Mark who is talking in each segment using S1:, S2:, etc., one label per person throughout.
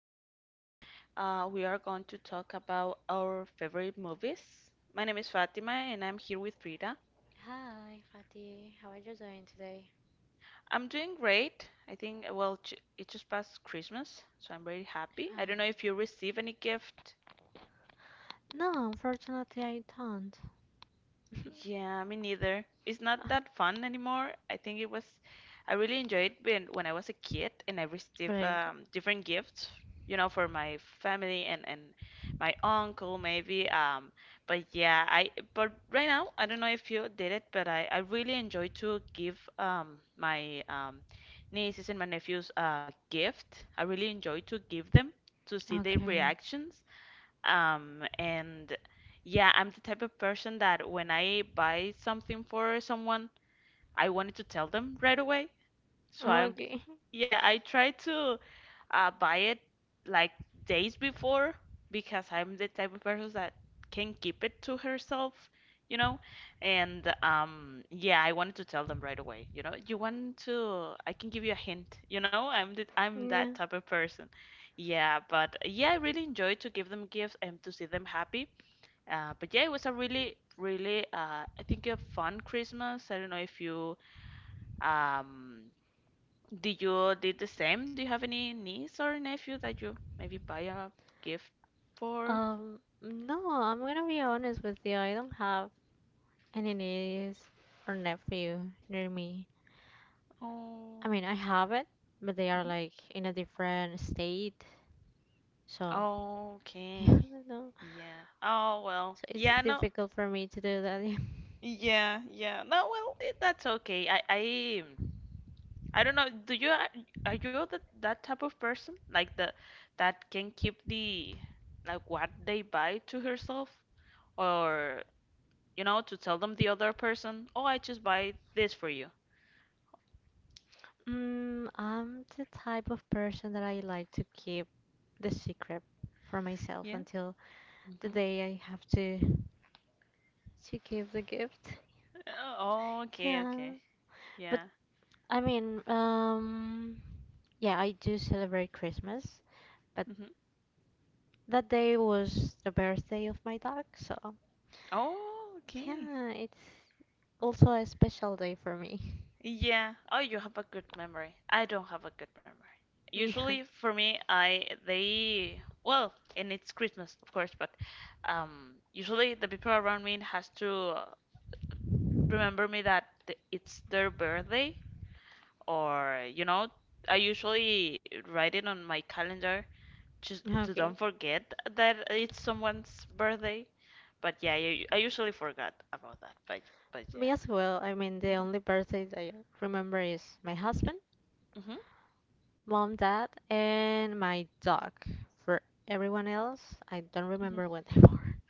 S1: today. We are going to talk about our favorite movies. My name is Fatima, and I'm here with Frida.
S2: Hi, Fatih. How are you doing today?
S1: I'm doing great. I think, well, it just passed Christmas, so I'm very happy. I don't know
S2: Hi.
S1: if you receive any gift.
S2: No, unfortunately, I don't.
S1: Yeah, me neither. It's not that fun anymore. I think it was, I really enjoyed when I was a kid and I received
S2: Great.
S1: different gifts, you know, for my family and my uncle maybe. But yeah, I but right now I don't know if you did it, but I really enjoy to give my nieces and my nephews a gift. I really enjoy to give them, to see their
S2: Okay.
S1: reactions and yeah, I'm the type of person that when I buy something for someone, I wanted to tell them right away. So
S2: Okay.
S1: yeah, I try to. I buy it like days before because I'm the type of person that can keep it to herself, you know? And yeah, I wanted to tell them right away, you know? You want to, I can give you a hint, you know? I'm that
S2: Yeah.
S1: type of person. Yeah, but yeah, I really enjoyed to give them gifts and to see them happy. But yeah, it was a really, really, I think a fun Christmas. I don't know if you um did you did the same? Do you have any niece or nephew that you maybe buy a gift for?
S2: No, I'm gonna be honest with you. I don't have any nieces or nephew near me. I
S1: Oh,
S2: mean, I have it, but they are
S1: mhm.
S2: like in a different state. So, yeah,
S1: Okay.
S2: no.
S1: Yeah. Oh well.
S2: So it's
S1: Yeah, no.
S2: difficult for me to do that.
S1: Yeah, yeah. No, well, it, that's okay. I don't know. Do you are you that type of person, like the, that can keep the, like what they buy to herself, or you know, to tell them the other person, "Oh, I just buy this for you."
S2: I'm the type of person that I like to keep the secret for myself
S1: Yeah.
S2: until the
S1: Mm-hmm.
S2: day I have to give the gift.
S1: Oh, okay,
S2: Yeah.
S1: okay.
S2: But
S1: Yeah.
S2: I mean, yeah, I do celebrate Christmas, but
S1: Hmm.
S2: that day was the birthday of my dog, so
S1: Oh, okay.
S2: yeah, it's also a special day for me.
S1: Yeah. Oh, you have a good memory. I don't have a good memory.
S2: Yeah.
S1: Usually for me, I they, well, and it's Christmas, of course, but usually the people around me has to uh, remember me that it's their birthday, or you know, I usually write it on my calendar just to
S2: Okay.
S1: don't forget that it's someone's birthday. But yeah, you, I usually forgot about that. But
S2: Me
S1: yeah.
S2: as well. I mean, the
S1: Hmm.
S2: only birthday that I remember is my husband,
S1: Hmm.
S2: mom, dad, and my dog. For everyone else, I don't
S1: Hmm.
S2: remember what they were.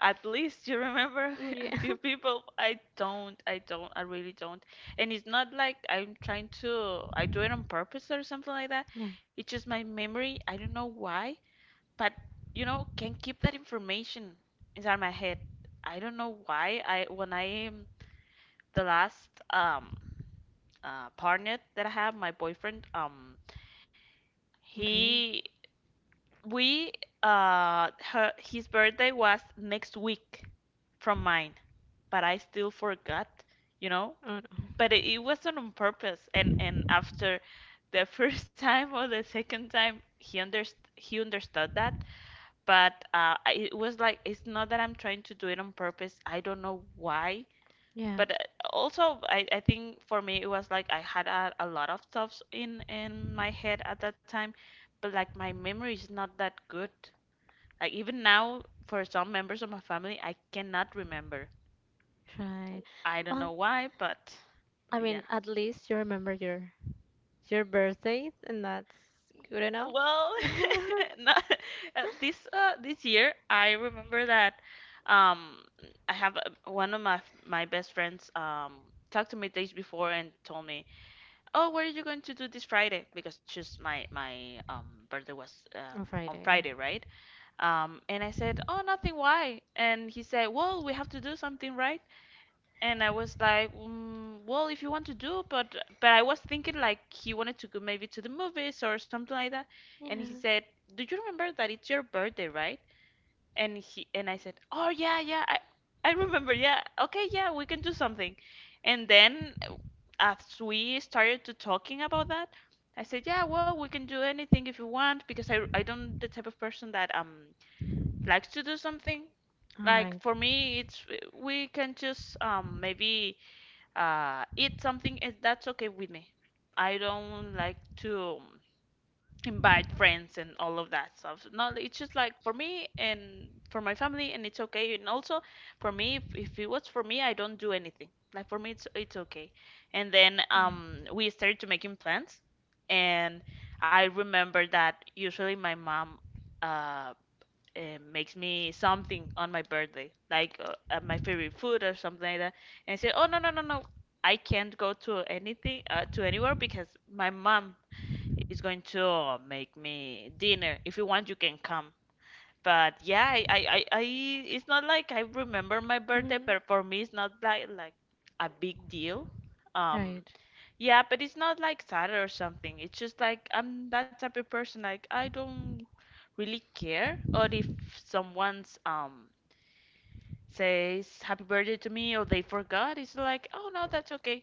S1: At least you remember a
S2: Yeah.
S1: few people. I don't. I don't. I really don't. And it's not like I'm trying to. I do it on purpose or something like that.
S2: Yeah.
S1: It's just my memory. I don't know why, but you know, can keep that information inside my head. I don't know why. I When I am the last partner that I have, my boyfriend,
S2: Okay.
S1: he, we, her his birthday was next week from mine, but I still forgot, you know.
S2: Oh no.
S1: But it wasn't on purpose, and after the first time or the second time, he understood that. But it was like it's not that I'm trying to do it on purpose. I don't know why,
S2: Yeah.
S1: but also, I think for me it was like I had a lot of thoughts in my head at that time, but like my memory is not that good. Like even now, for some members of my family, I cannot remember.
S2: Try.
S1: I don't
S2: Well,
S1: know why,
S2: I
S1: but
S2: mean,
S1: yeah.
S2: at least you remember your birthday, and that's good
S1: N-
S2: enough.
S1: well, not, this this year I remember that um I have, one of my my best friends talked to me days before and told me, oh, what are you going to do this Friday? Because just my my birthday was
S2: On
S1: on
S2: Friday.
S1: Friday, right? And I said, oh, nothing. Why? And he said, well, we have to do something, right? And I was like, mm, well, if you want to do, but I was thinking like he wanted to go maybe to the movies or something like that. And he
S2: Yeah.
S1: said, do you remember that it's your birthday, right? And he, and I said, oh yeah, yeah, I remember, yeah, okay, yeah, we can do something. And then as we started to talking about that, I said, yeah, well, we can do anything if you want, because I don't the type of person that likes to do something.
S2: All
S1: Like
S2: right.
S1: for me, it's we can just maybe eat something, and that's okay with me. I don't like to. Invite friends and all of that stuff. No, it's just like for me and for my family, and it's okay. And also for me, if it was for me, I don't do anything. Like for me, it's okay. And then
S2: Okay.
S1: we started to making plans, and I remember that usually my mom uh, makes me something on my birthday, like my favorite food or something like that. And I say, oh no no no no. I can't go to anything to anywhere because my mom it's going to make me dinner. If you want, you can come. But yeah, I, it's not like I remember my birthday,
S2: Mhm.
S1: but for me, it's not like a big deal. Um,
S2: Right.
S1: yeah, but it's not like sad or something. It's just like I'm that type of person. Like I don't really care, or if someone's says happy birthday to me, or they forgot, it's like oh no, that's okay.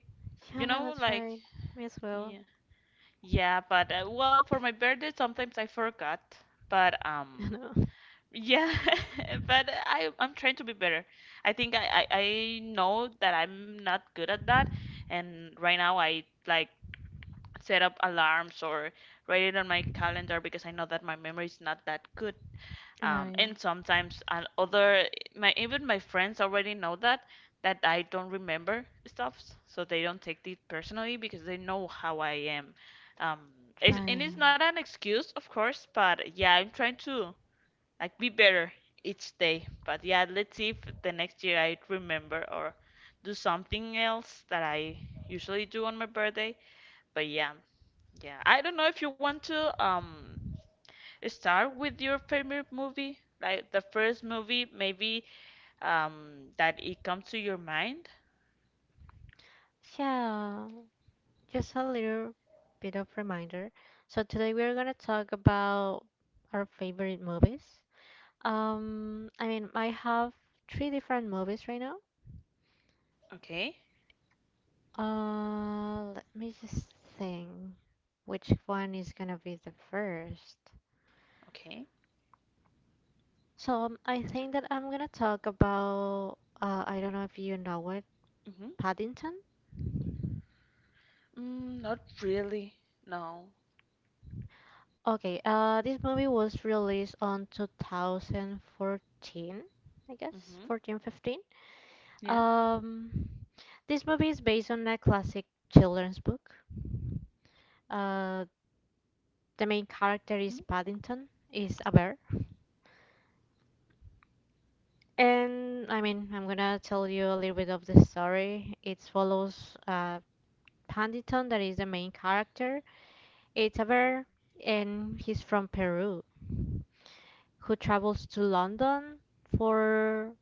S1: You
S2: Yeah,
S1: know,
S2: that's
S1: like
S2: right. Me as well.
S1: yeah. Yeah, but well, for my birthday sometimes I forgot, but
S2: No.
S1: yeah, but I'm trying to be better. I think I know that I'm not good at that, and right now I like set up alarms or write it on my calendar because I know that my memory is not that good.
S2: All right.
S1: And sometimes and other, my even my friends already know that that I don't remember stuffs, so they don't take it personally because they know how I am. Um, it's,
S2: Try.
S1: and it's not an excuse, of course, but yeah, I'm trying to like be better each day. But yeah, let's see if the next year I remember or do something else that I usually do on my birthday. But yeah, yeah, I don't know if you want to start with your favorite movie, like the first movie maybe that it comes to your mind.
S2: Yeah. Just a little bit of reminder. So today we're gonna talk about our favorite movies. I mean, I have three different movies right now.
S1: Okay,
S2: Let me just think which one is gonna be the first.
S1: okay.
S2: So I think that I'm gonna talk about, I don't know if you know it,
S1: Mm-hmm.
S2: Paddington.
S1: Mm, not really. No.
S2: Okay, this movie was released on 2014, I guess,
S1: Mm-hmm.
S2: 14, 15.
S1: Yeah.
S2: Um, this movie is based on a classic children's book. Uh, the main character is Paddington, is a bear. And I mean, I'm gonna tell you a little bit of the story. It follows Paddington, that is the main character. It's a bear, and he's from Peru, who travels to London. For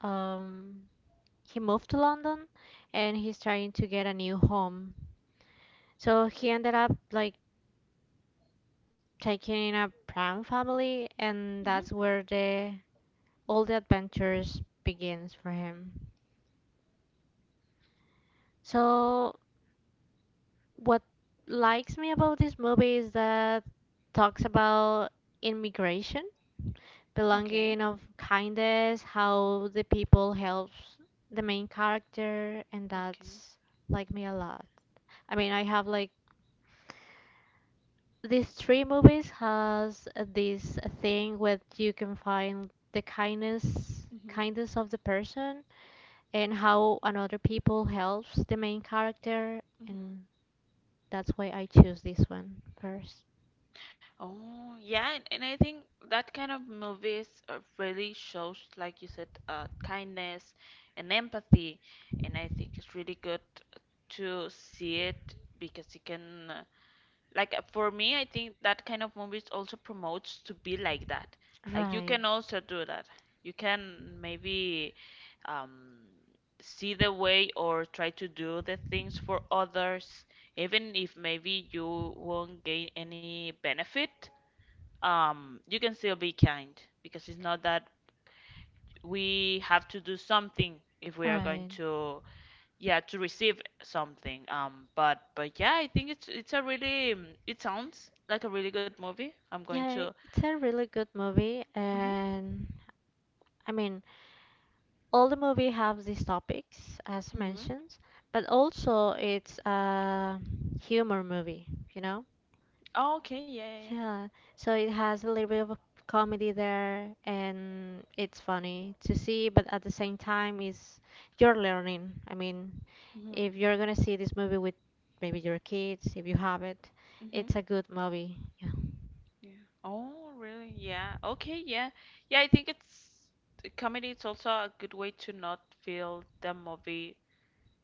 S2: um, he moved to London, and he's trying to get a new home. So he ended up like taking a pram family, and
S1: Mm-hmm.
S2: that's where the all the adventures begins for him. So what likes me about this movie is that talks about immigration,
S1: Okay.
S2: belonging of kindness, how the people helps the main character, and
S1: Okay.
S2: that's like me a lot. I mean, I have like these three movies has this thing where you can find the kindness
S1: Mm-hmm.
S2: kindness of the person and how another people helps the main character,
S1: Mm-hmm.
S2: and that's why I choose this one first.
S1: Oh, yeah, and I think that kind of movies really shows, like you said, kindness and empathy, and I think it's really good to see it because it can for me, I think that kind of movies also promotes to be like that. Like you
S2: Right,
S1: can also do that, you can maybe um, see the way or try to do the things for others, even if maybe you won't gain any benefit. You can still be kind, because it's not that we have to do something if we are going
S2: right.
S1: to, yeah, to receive something. But yeah, I think it's a really it sounds like a really good movie, I'm going
S2: Yeah,
S1: to.
S2: it's a really good movie.
S1: Hmm.
S2: And I mean, all the movie have these topics as
S1: Hmm.
S2: mentioned, but also it's a humor movie, you know?
S1: Oh, okay, yeah, yeah.
S2: Yeah, so it has a little bit of comedy there and it's funny to see, but at the same time is you're learning. I mean,
S1: Yeah.
S2: if you're gonna see this movie with maybe your kids, if you have it,
S1: Hmm. Hmm.
S2: it's a good movie. Yeah.
S1: Yeah. Oh really, yeah, okay, yeah. Yeah, I think it's the comedy, it's also a good way to not feel the movie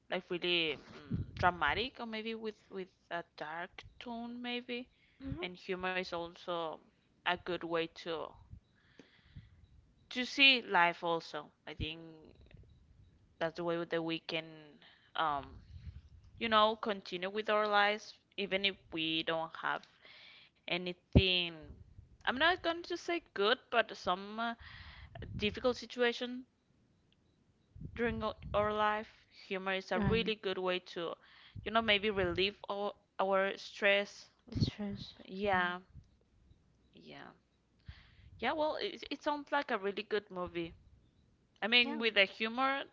S1: like really dramatic, or maybe with a dark tone maybe.
S2: Hmm.
S1: And humor is also a good way to see life also, I think. That's the way that we can, um, you know, continue with our lives, even if we don't have anything. I'm not going to say good, but some difficult situation during our life. Humor is a
S2: Right.
S1: really good way to, you know, maybe relieve our stress.
S2: Distress. Yeah.
S1: Yeah, yeah. Yeah, well, it sounds like a really good movie. I mean,
S2: Yeah.
S1: with the humor,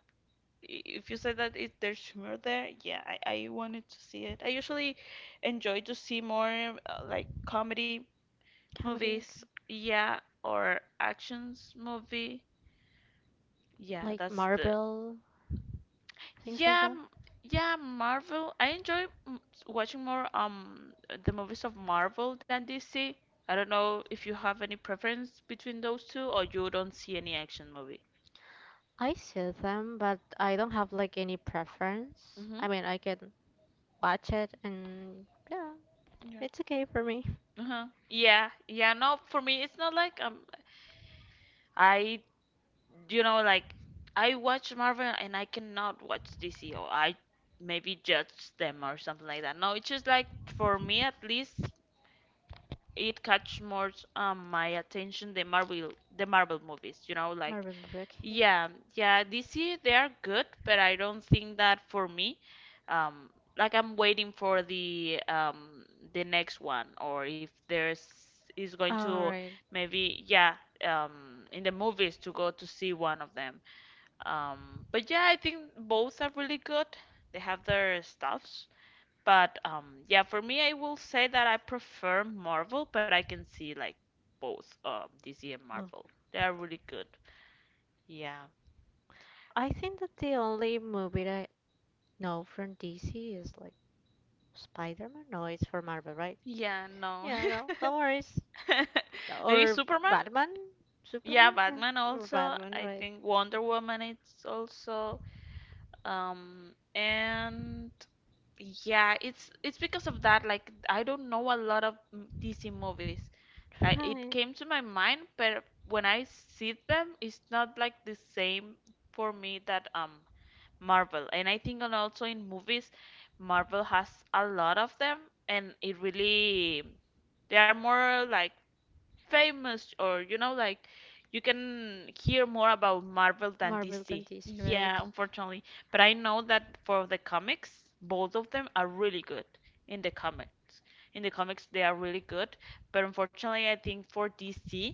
S1: if you said that it, there's humor there, yeah, I wanted to see it. I usually enjoy to see more like comedy
S2: Comedy.
S1: movies,
S2: Okay.
S1: yeah, or actions movie. Yeah,
S2: Like
S1: that's the,
S2: Marvel, things like
S1: yeah,
S2: that.
S1: yeah, Marvel. I enjoy watching more the movies of Marvel than DC. I don't know if you have any preference between those two, or you don't see any action movie.
S2: I see them, but I don't have like any preference.
S1: Mm-hmm.
S2: I mean, I can watch it and yeah,
S1: Yeah.
S2: it's okay for me.
S1: Uh-huh. Yeah, yeah, no, for me it's not like I you know like I watch Marvel and I cannot watch DC, or I maybe judge them or something like that. No, it's just like, for me at least, it catch more my attention, the Marvel the Marvel movies, like,
S2: Marvin Buckingham.
S1: yeah. Yeah, DC they are good, but I don't think that for me um like I'm waiting for the next one, or if there's is going
S2: All
S1: to,
S2: right.
S1: maybe, yeah, in the movies to go to see one of them. But yeah, I think both are really good. They have their stuffs. But yeah, for me, I will say that I prefer Marvel, but I can see like both DC and
S2: Well,
S1: Marvel. They are really good. Yeah.
S2: I think that the only movie that I know from DC is like Spider-Man. No, it's for Marvel, right?
S1: Yeah, no.
S2: Yeah, no, no worries.
S1: Maybe
S2: Or
S1: Superman?
S2: Batman,
S1: Yeah,
S2: Superman, yeah,
S1: Batman
S2: or
S1: also.
S2: Batman,
S1: I
S2: right?
S1: think Wonder Woman it's also. And Yeah, it's because of that. Like I don't know a lot of DC movies. Like it
S2: Hi,
S1: came to my mind, but when I see them, it's not like the same for me that Marvel. And I think, and also in movies, Marvel has a lot of them, and it really they are more like famous, or like you can hear more about Marvel than
S2: Marvel than
S1: DC.
S2: DC, right?
S1: Yeah, unfortunately, but I know that for the comics, both of them are really good in the comics. In the comics, they are really good, but unfortunately, I think for DC,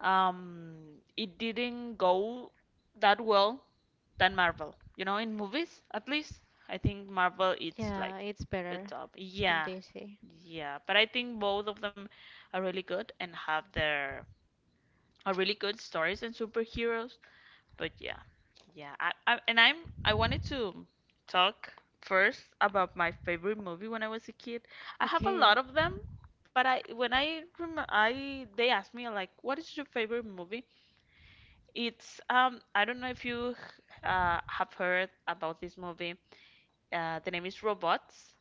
S1: um, it didn't go that well than Marvel. You know, in movies, at least, I think Marvel it's like
S2: Yeah, it's
S1: the
S2: better
S1: top.
S2: than
S1: Yeah,
S2: DC.
S1: yeah, but I think both of them are really good and have their are really good stories and superheroes. But yeah, yeah. I and I'm I wanted to talk first about my favorite movie when I was a kid. I have a
S2: Okay.
S1: lot of them, but I when I rem- I they asked me like, what is your favorite movie? It's I don't know if you have heard about this movie. The name is Robots.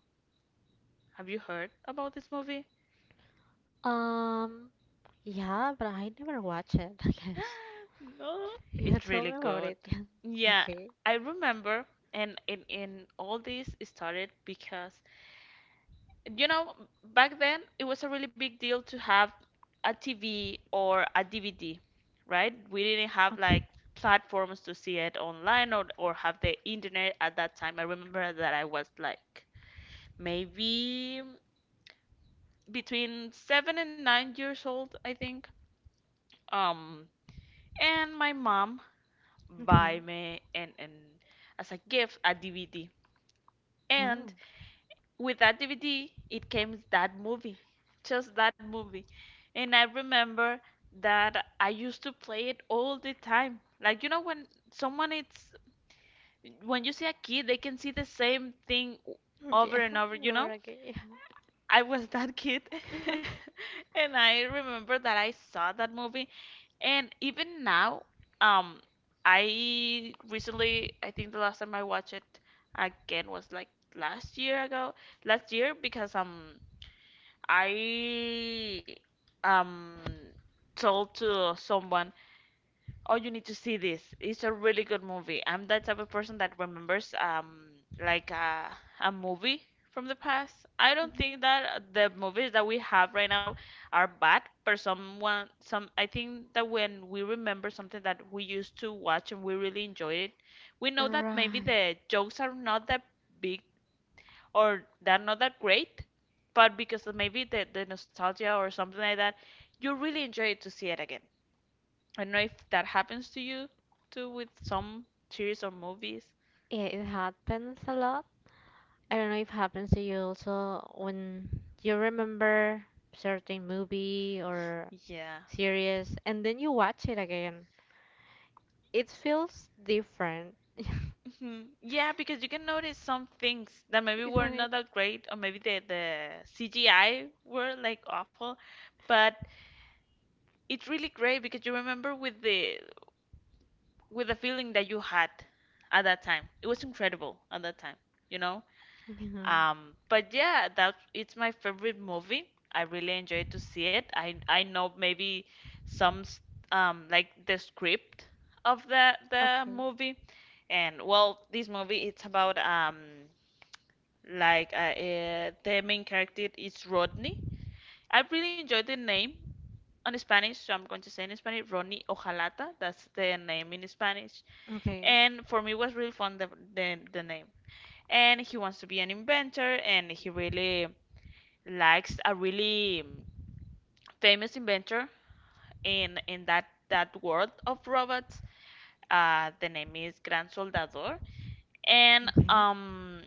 S1: Have you heard about this movie?
S2: Um, yeah, but I never watch it, I guess.
S1: No,
S2: Yeah,
S1: it's
S2: tell me
S1: really
S2: about
S1: good.
S2: it. Yeah.
S1: Yeah,
S2: Okay.
S1: I remember, and in all this started because you know back then it was a really big deal to have a TV or a DVD, right? We didn't have like
S2: Okay.
S1: platforms to see it online, or have the internet at that time. I remember that I was like maybe between 7 and 9 years old, I think. Um, and my mom
S2: Okay.
S1: buy me and as a gift a DVD.
S2: Oh.
S1: And with that DVD, it came that movie, just that movie. And I remember that I used to play it all the time. Like when someone it's when you see a kid, they can see the same thing
S2: Yeah,
S1: over and over, you
S2: Laura
S1: know?
S2: again. Yeah.
S1: I was that kid.
S2: No.
S1: And I remember that I saw that movie. And even now, um, I recently, I think the last time I watched it again was like last year ago, last year, because I um told to someone, oh, you need to see this, it's a really good movie. I'm that type of person that remembers like a movie from the past. I don't
S2: Mhm.
S1: think that the movies that we have right now are bad, but someone some I think that when we remember something that we used to watch and we really enjoyed it, we know that maybe
S2: Right.
S1: the jokes are not that big, or they're not that great, but because of maybe the nostalgia or something like that, you really enjoy it to see it again. I don't know if that happens to you too with some series or movies.
S2: Yeah, it happens a lot. I don't know if it happens to you also when you remember certain movie or
S1: Yeah.
S2: series and then you watch it again. It feels different.
S1: Mhm. Yeah, because you can notice some things that maybe were
S2: Right.
S1: not that great, or maybe the CGI were like awful, but it's really great because you remember with the feeling that you had at that time. It was incredible at that time, you know?
S2: Yeah.
S1: But yeah, that it's my favorite movie. I really enjoyed to see it. I know maybe some s- like the script of the
S2: Okay.
S1: movie. And well, this movie it's about the main character is Rodney. I really enjoyed the name on Spanish, so I'm going to say in Spanish, Rodney Ojalata. That's the name in Spanish,
S2: Okay.
S1: and for me it was really fun the name, and he wants to be an inventor, and he really likes a really famous inventor in that world of robots. The name is Gran Soldador, and
S2: Okay.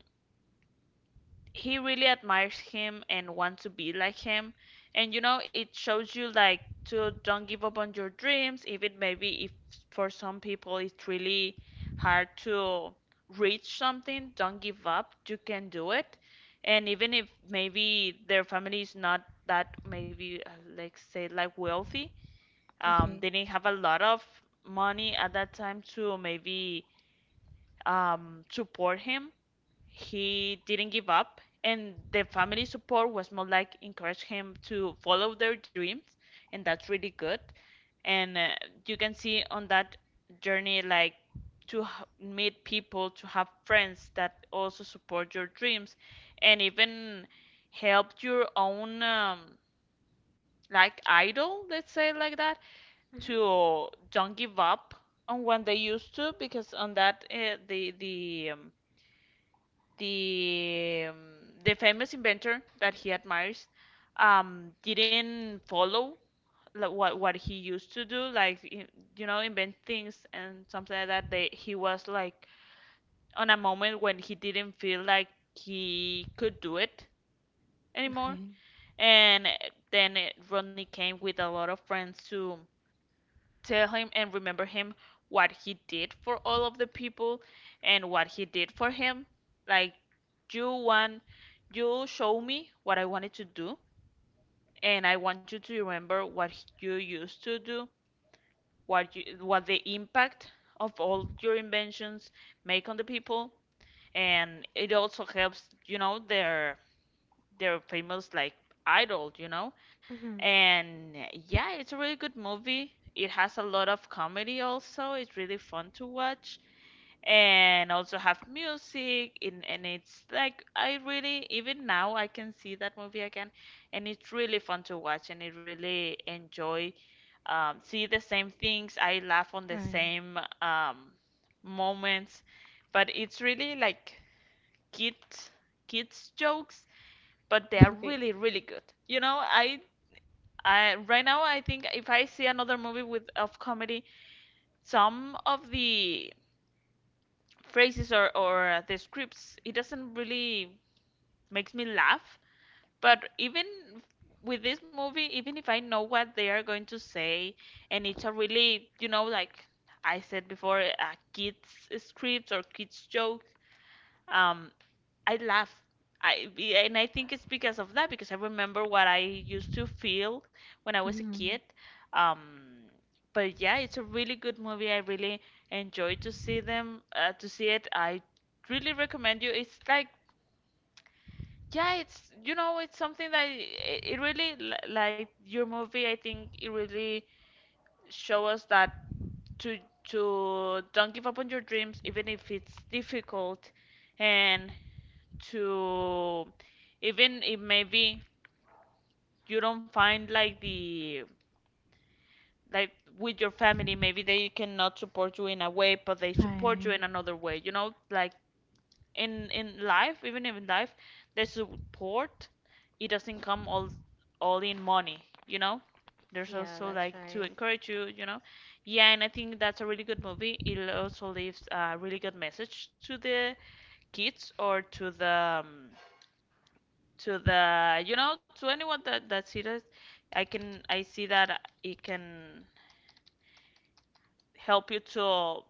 S1: he really admires him and wants to be like him. And it shows you like to don't give up on your dreams, even maybe if for some people it's really hard to reach something. Don't give up, you can do it. And even if maybe their family is not that, maybe like say like wealthy,
S2: Okay.
S1: they didn't have a lot of money at that time to maybe support him. He didn't give up, and the family support was more like encourage him to follow their dreams. And that's really good. And you can see on that journey like to meet people, to have friends that also support your dreams, and even help your own like idol, let's say like that,
S2: Mm-hmm.
S1: to don't give up on when they used to, because on that, the um, the famous inventor that he admires, didn't follow like, what he used to do, like invent things and something like that. They he was like on a moment when he didn't feel like he could do it anymore,
S2: Okay.
S1: and then Rodney came with a lot of friends to tell him and remember him what he did for all of the people and what he did for him. Like you want you show me what I wanted to do, and I want you to remember what you used to do, what the impact of all your inventions make on the people. And it also helps, their famous like idol, you know?
S2: Mm-hmm.
S1: And yeah, it's a really good movie. It has a lot of comedy also. It's really fun to watch and also have music, and it's like I really even now I can see that movie again, and it's really fun to watch, and I really enjoy see the same things. I laugh on the
S2: Right.
S1: same moments, but it's really like kids kids jokes, but they are
S2: Okay.
S1: really really good. You know, I right now, I think if I see another movie with of comedy, some of the phrases, or the scripts, it doesn't really makes me laugh. But even with this movie, even if I know what they are going to say, and it's a really, like I said before, a kids script or kids joke. Um, I laugh. And I think it's because of that, because I remember what I used to feel when I was a kid.
S2: Mm-hmm.
S1: Um, but yeah, it's a really good movie. I really enjoy to see it. I really recommend you. It's like, yeah, it's you know it's something that it really like your movie. I think it really show us that to to don't give up on your dreams, even if it's difficult, and to even if maybe you don't find like the, like with your family, maybe they cannot support you in a way, but they support you
S2: Right.
S1: in another way. In life, even in life, the support, it doesn't come all in money. There's
S2: Yeah,
S1: also
S2: that's
S1: like to
S2: right.
S1: encourage you, you know yeah. And I think that's a really good movie. It also leaves a really good message to the kids, or to the, to anyone that sees it. I see that it can help you to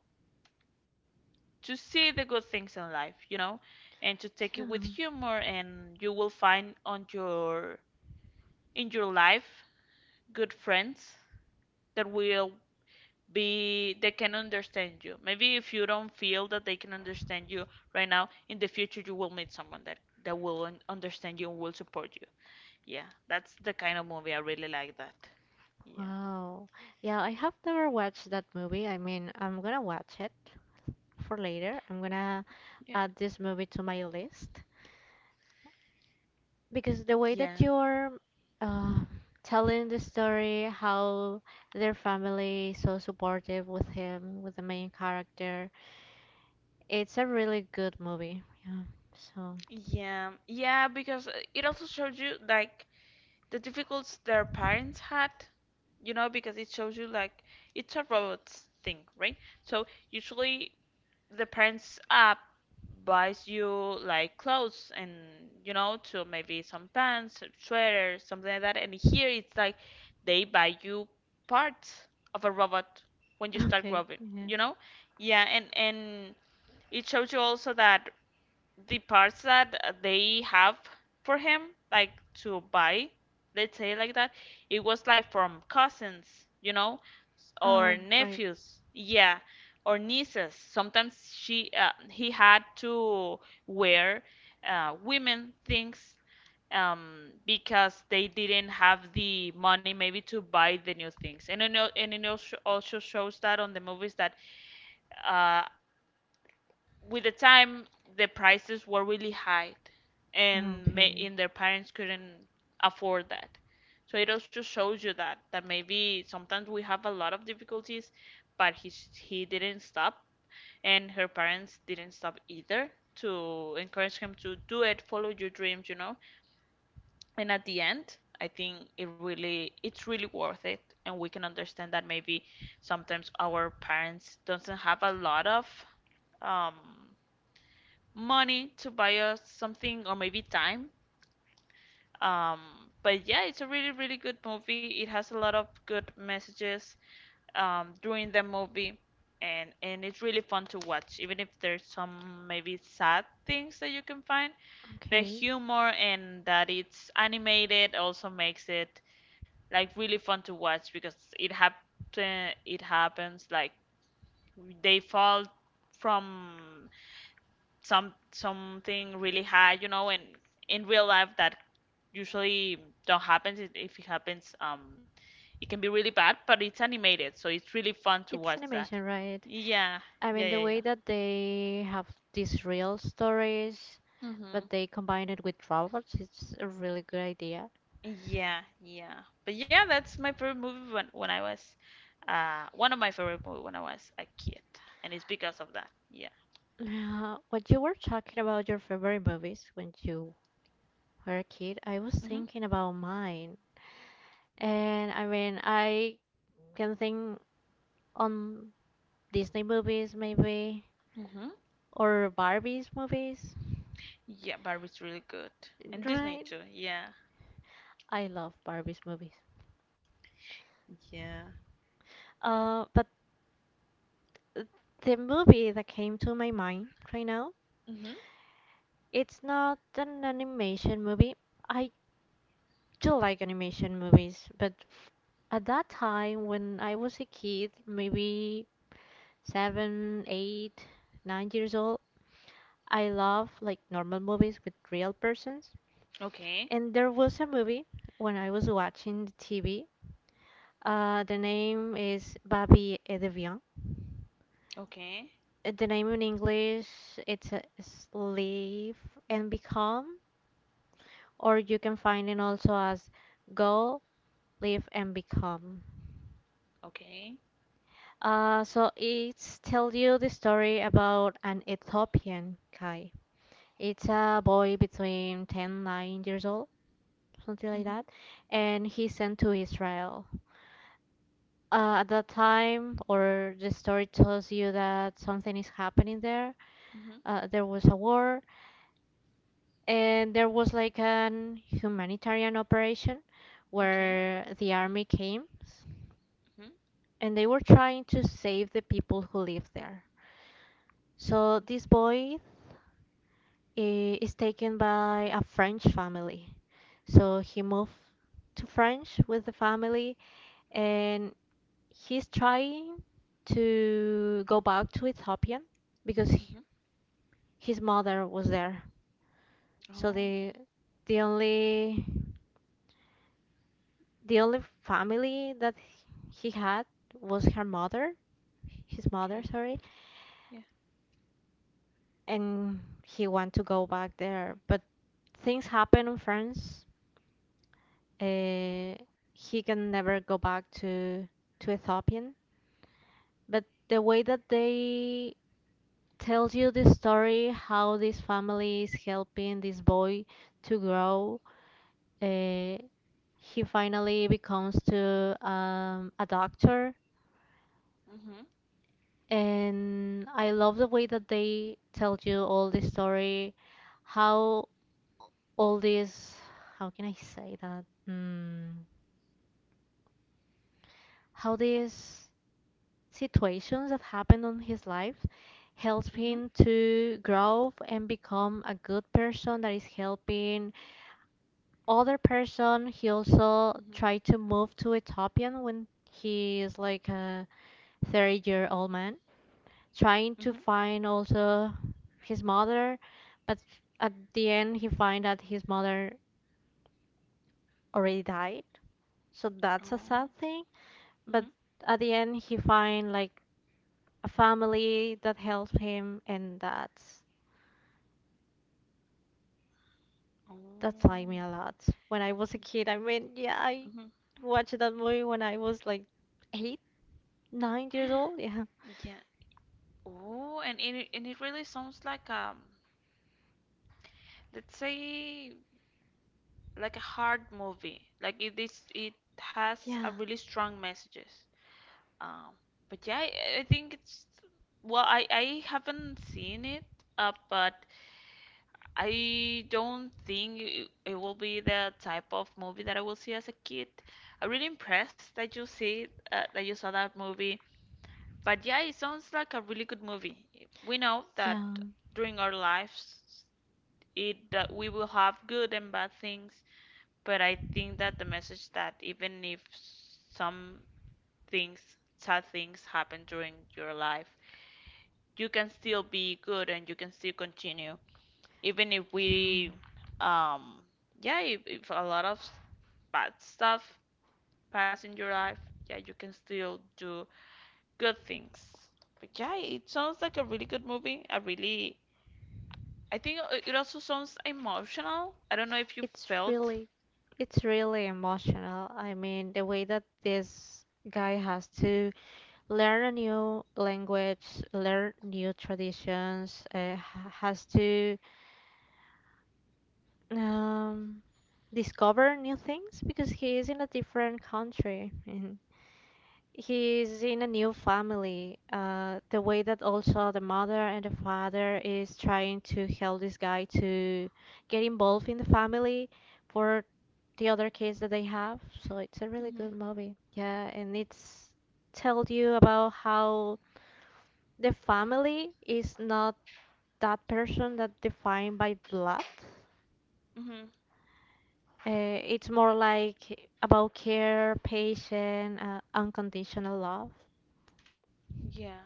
S1: to see the good things in life, and to take it
S2: Yeah.
S1: with humor, and you will find on your in your life good friends that will be they can understand you, maybe if you don't feel that they can understand you right now. In the future, you will meet someone that will understand you and will support you. Yeah, that's the kind of movie I really like that. Yeah.
S2: Wow. Yeah, I have never watched that movie. I mean, I'm gonna watch it for later. I'm gonna
S1: Yeah,
S2: add this movie to my list because the way that
S1: yeah,
S2: you're uh, telling the story, how their family is so supportive with him, with the main character, it's a really good movie. Yeah. So,
S1: yeah, yeah, because it also shows you like the difficulties their parents had, because it shows you like it's a robot's thing, right? So usually the parents buys you like clothes, and to maybe some pants, some sweater, something like that. And here it's like they buy you parts of a robot when you start
S2: okay.
S1: growing,
S2: Yeah.
S1: you know? Yeah, and it shows you also that the parts that they have for him, like to buy, let's say like that, it was like from cousins, you know, or
S2: Oh, right.
S1: nephews, yeah, or nieces. Sometimes he had to wear women things, because they didn't have the money maybe to buy the new things. And it also shows that on the movies that uh, with the time the prices were really high and ma-
S2: Okay.
S1: and their parents couldn't afford that, so it also shows you that maybe sometimes we have a lot of difficulties, but he didn't stop, and her parents didn't stop either to encourage him to do it. Follow your dreams. And at the end, I think it really, it's really worth it, and we can understand that maybe sometimes our parents doesn't have a lot of um money to buy us something, or maybe time. Um, but yeah, it's a really, really good movie. It has a lot of good messages during the movie, and it's really fun to watch. Even if there's some maybe sad things that you can find, the
S2: Okay.
S1: humor and that it's animated also makes it like really fun to watch, because it happens like they fall from something really high, you know, and in real life that usually don't happen. If it happens, it can be really bad, but it's animated, so it's really fun to
S2: It's
S1: watch
S2: animation,
S1: that.
S2: right?
S1: Yeah,
S2: I mean,
S1: yeah,
S2: the
S1: yeah,
S2: way
S1: yeah.
S2: that they have these real stories, but
S1: Mm-hmm.
S2: they combine it with robots, it's a really good idea.
S1: Yeah, yeah. But yeah, that's my favorite movie when I was one of my favorite movie when I was a kid, and it's because of that. Yeah.
S2: When you were talking about your favorite movies when you were a kid, I was
S1: Mm-hmm.
S2: thinking about mine. And I mean, I can think on Disney movies, maybe,
S1: Mm-hmm.
S2: or Barbie's movies,
S1: Yeah, Barbie's really good, and
S2: right?
S1: Disney too. Yeah.
S2: I love Barbie's movies.
S1: Yeah.
S2: But the movie that came to my mind right now.
S1: Mm-hmm.
S2: It's not an animation movie. I do like animation movies, but at that time when I was a kid, maybe 7, 8, 9 years old, I love like normal movies with real persons.
S1: Okay.
S2: And there was a movie when I was watching the TV. The name is Babi et Deviant.
S1: Okay.
S2: The name in English it's a Live and Become, or you can find it also as Go live and become.
S1: Okay.
S2: So it's tell you the story about an Ethiopian guy. It's a boy between 10, 9 years old, something like that,
S1: Mhm.
S2: and he's sent to Israel. At that time, or the story tells you that something is happening there.
S1: Mhm.
S2: There was a war, and there was like an humanitarian operation
S1: Okay.
S2: where the army came
S1: Mhm.
S2: and they were trying to save the people who live there. So this boy is taken by a French family. So he moved to France with the family and he's trying to go back to Ethiopia because h
S1: Mhm.
S2: his mother was there. So
S1: Oh, okay.
S2: the only the only family that he had was her mother, his mother,
S1: Okay.
S2: sorry,
S1: Yeah.
S2: and he want to go back there, but things happen in France, uh, he can never go back to Ethiopian. But the way that they tell you the story, how this family is helping this boy to grow, uh, he finally becomes to a doctor.
S1: Mhm.
S2: And I love the way that they tell you all the story, how all this, how can I say that? How this situations that happened on his life helps
S1: Mhm.
S2: him to grow and become a good person that is helping other person. He also
S1: Mhm.
S2: tried to move to Ethiopian when he is like a 30-year-old man trying to
S1: Mhm.
S2: find also his mother, but at the end he find that his mother already died, so that's a
S1: Oh.
S2: sad thing, but
S1: Mhm.
S2: at the end he find like a family that helps him and that's That taught me
S1: Oh.
S2: a lot. When I was a kid, I
S1: Yeah.
S2: mean, yeah, I
S1: Mhm.
S2: watched that movie when I was like 8, 9 years old. Yeah,
S1: Yeah. Oh, and it really sounds like let's say like a hard movie. Like it has a
S2: yeah,
S1: really strong messages. Um, but yeah, I think it's, well, I haven't seen it, but I don't think it will be the type of movie that I will see as a kid. I'm really impressed that that you saw that movie. But yeah, it sounds like a really good movie. We know that
S2: yeah,
S1: during our lives, it that we will have good and bad things. But I think that the message, that even if some things, sad things happen during your life, you can still be good and you can still continue even if
S2: yeah.
S1: we um yeah, if a lot of bad stuff pass in your life, yeah, you can still do good things. But yeah, it sounds like a really good movie. I really, I think it also sounds emotional. I don't know if you
S2: It's
S1: felt.
S2: really, it's really emotional. I mean, the way that this guy has to learn a new language, learn new traditions, has to um, discover new things because he is in a different country. He's in a new family. The way that also the mother and the father is trying to help this guy to get involved in the family for the other kids that they have. So it's a really good
S1: Hmm.
S2: movie. Yeah, and it's tells you about how the family is not that person that defined by blood.
S1: Hmm.
S2: It's more like about care, patience, unconditional love.
S1: Yeah.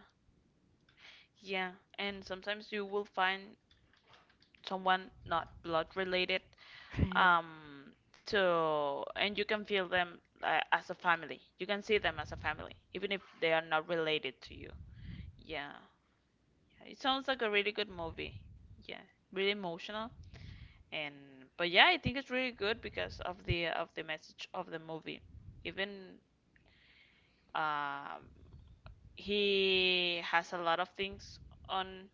S1: Yeah, and sometimes you will find someone not blood related,
S2: Right.
S1: um to and you can feel them, as a family. You can see them as a family even if they are not related to you. Yeah, it sounds like a really good movie. Yeah, really emotional. And but yeah, I think it's really good, because of the message of the movie. Even, um he has a lot of things on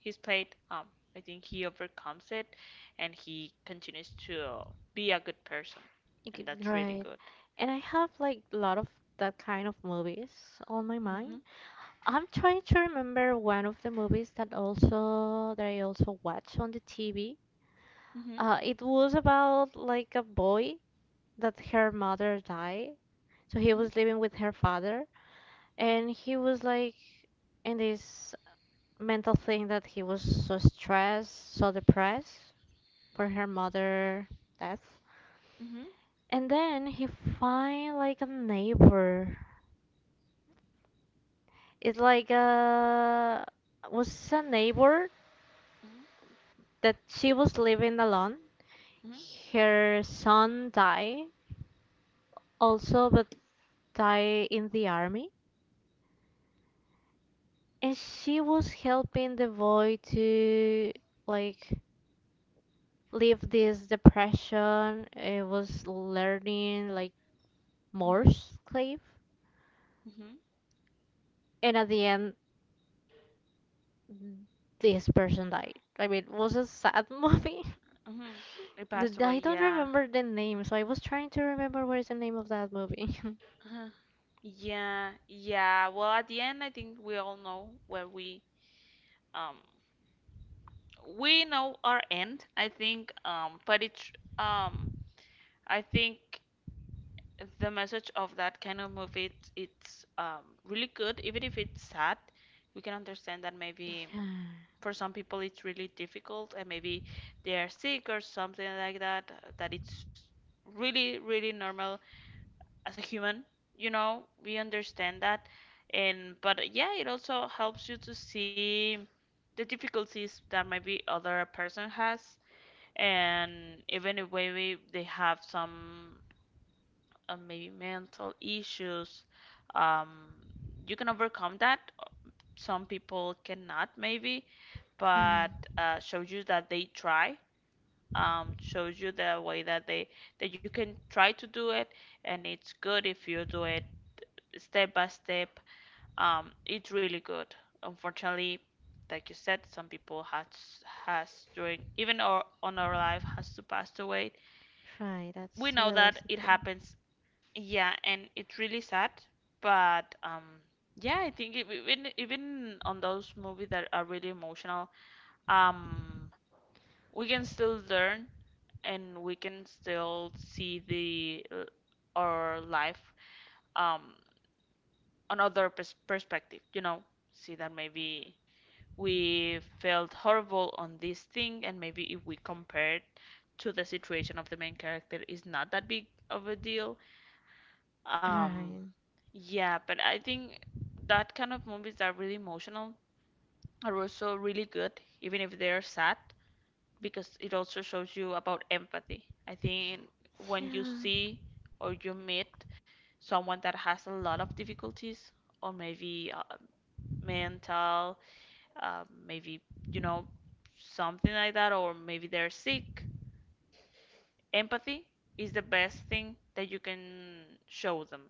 S1: his plate. I think he overcomes it and he continues to be a good person, and
S2: Okay.
S1: that's really
S2: Right.
S1: good.
S2: And I have like a lot of that kind of movies on my mind.
S1: Mhm,
S2: I'm trying to remember one of the movies that I also watched on the TV.
S1: mhm,
S2: It was about like a boy that her mother died. So he
S1: mhm,
S2: was living with her father and he was like in this mental thing that he was so stressed, so depressed for her mother death.
S1: mhm,
S2: And then he find like a neighbor. It's like, was a neighbor
S1: mhm,
S2: that she was living alone.
S1: mhm,
S2: Her son died also, but died in the army, and she was helping the boy to like leave this depression. It was learning like
S1: mhm,
S2: Morse code,
S1: mhm,
S2: and at the end, this person died. I mean, it was a sad movie.
S1: mhm. He passed away,
S2: I don't
S1: yeah.
S2: remember the name, so I was trying to remember what is the name of that movie.
S1: Uh-huh. Yeah, yeah. Well, at the end, I think we all know where um we know our end, I think. But it's um I think the message of that kind of movie, it's really good, even if it's sad. We can understand that maybe
S2: Yeah,
S1: for some people it's really difficult, and maybe they are sick or something like that, that it's really, really normal as a human. You know, we understand that. And but yeah, it also helps you to see the difficulties that maybe other person has. And even if maybe they have some maybe mental issues, um, you can overcome that. Some people cannot, maybe,
S2: right,
S1: but shows you that they try. Shows you the way that they that you can try to do it, and it's good if you do it step by step. It's really good. Unfortunately, like you said, some people has during even or on our life has to pass away.
S2: right. That's
S1: We
S2: a
S1: know that
S2: realistic
S1: it
S2: thing.
S1: happens. Yeah, and it's really sad, but yeah, I think even, on those movies that are really emotional, um, we can still learn, and we can still see the our life, um, another perspective. You know, see that maybe we felt horrible on this thing, and maybe if we compared to the situation of the main character, is not that big of a deal. Um,
S2: Right.
S1: yeah, but I think that kind of movies that are really emotional are also really good, even if they're sad. Because it also shows you about empathy. I think when you
S2: Yeah,
S1: see or you meet someone that has a lot of difficulties, or maybe mental, maybe, you know, something like that, or maybe they're sick, empathy is the best thing that you can show them.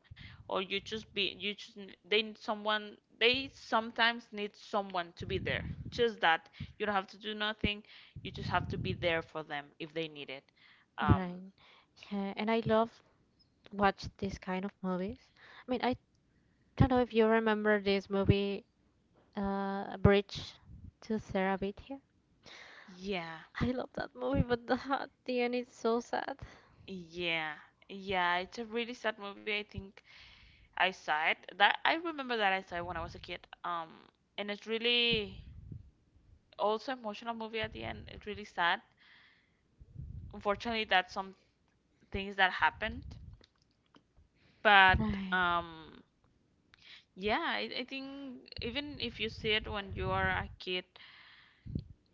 S1: Or you just be, you just they need someone, they sometimes need someone to be there, just that. You don't have to do nothing, you just have to be there for them if they need it. um
S2: right. Yeah, and I love watch these kind of movies. I mean, I don't know if you remember this movie, Bridge to Terabithia.
S1: yeah.
S2: I love that movie, but at the end it's so sad.
S1: Yeah. Yeah, it's a really sad movie, I think. I remember that I saw it when I was a kid, um and it's really, also emotional movie. At the end, it's really sad. Unfortunately, that's some things that happened. But
S2: Right,
S1: yeah, I think even if you see it when you are a kid,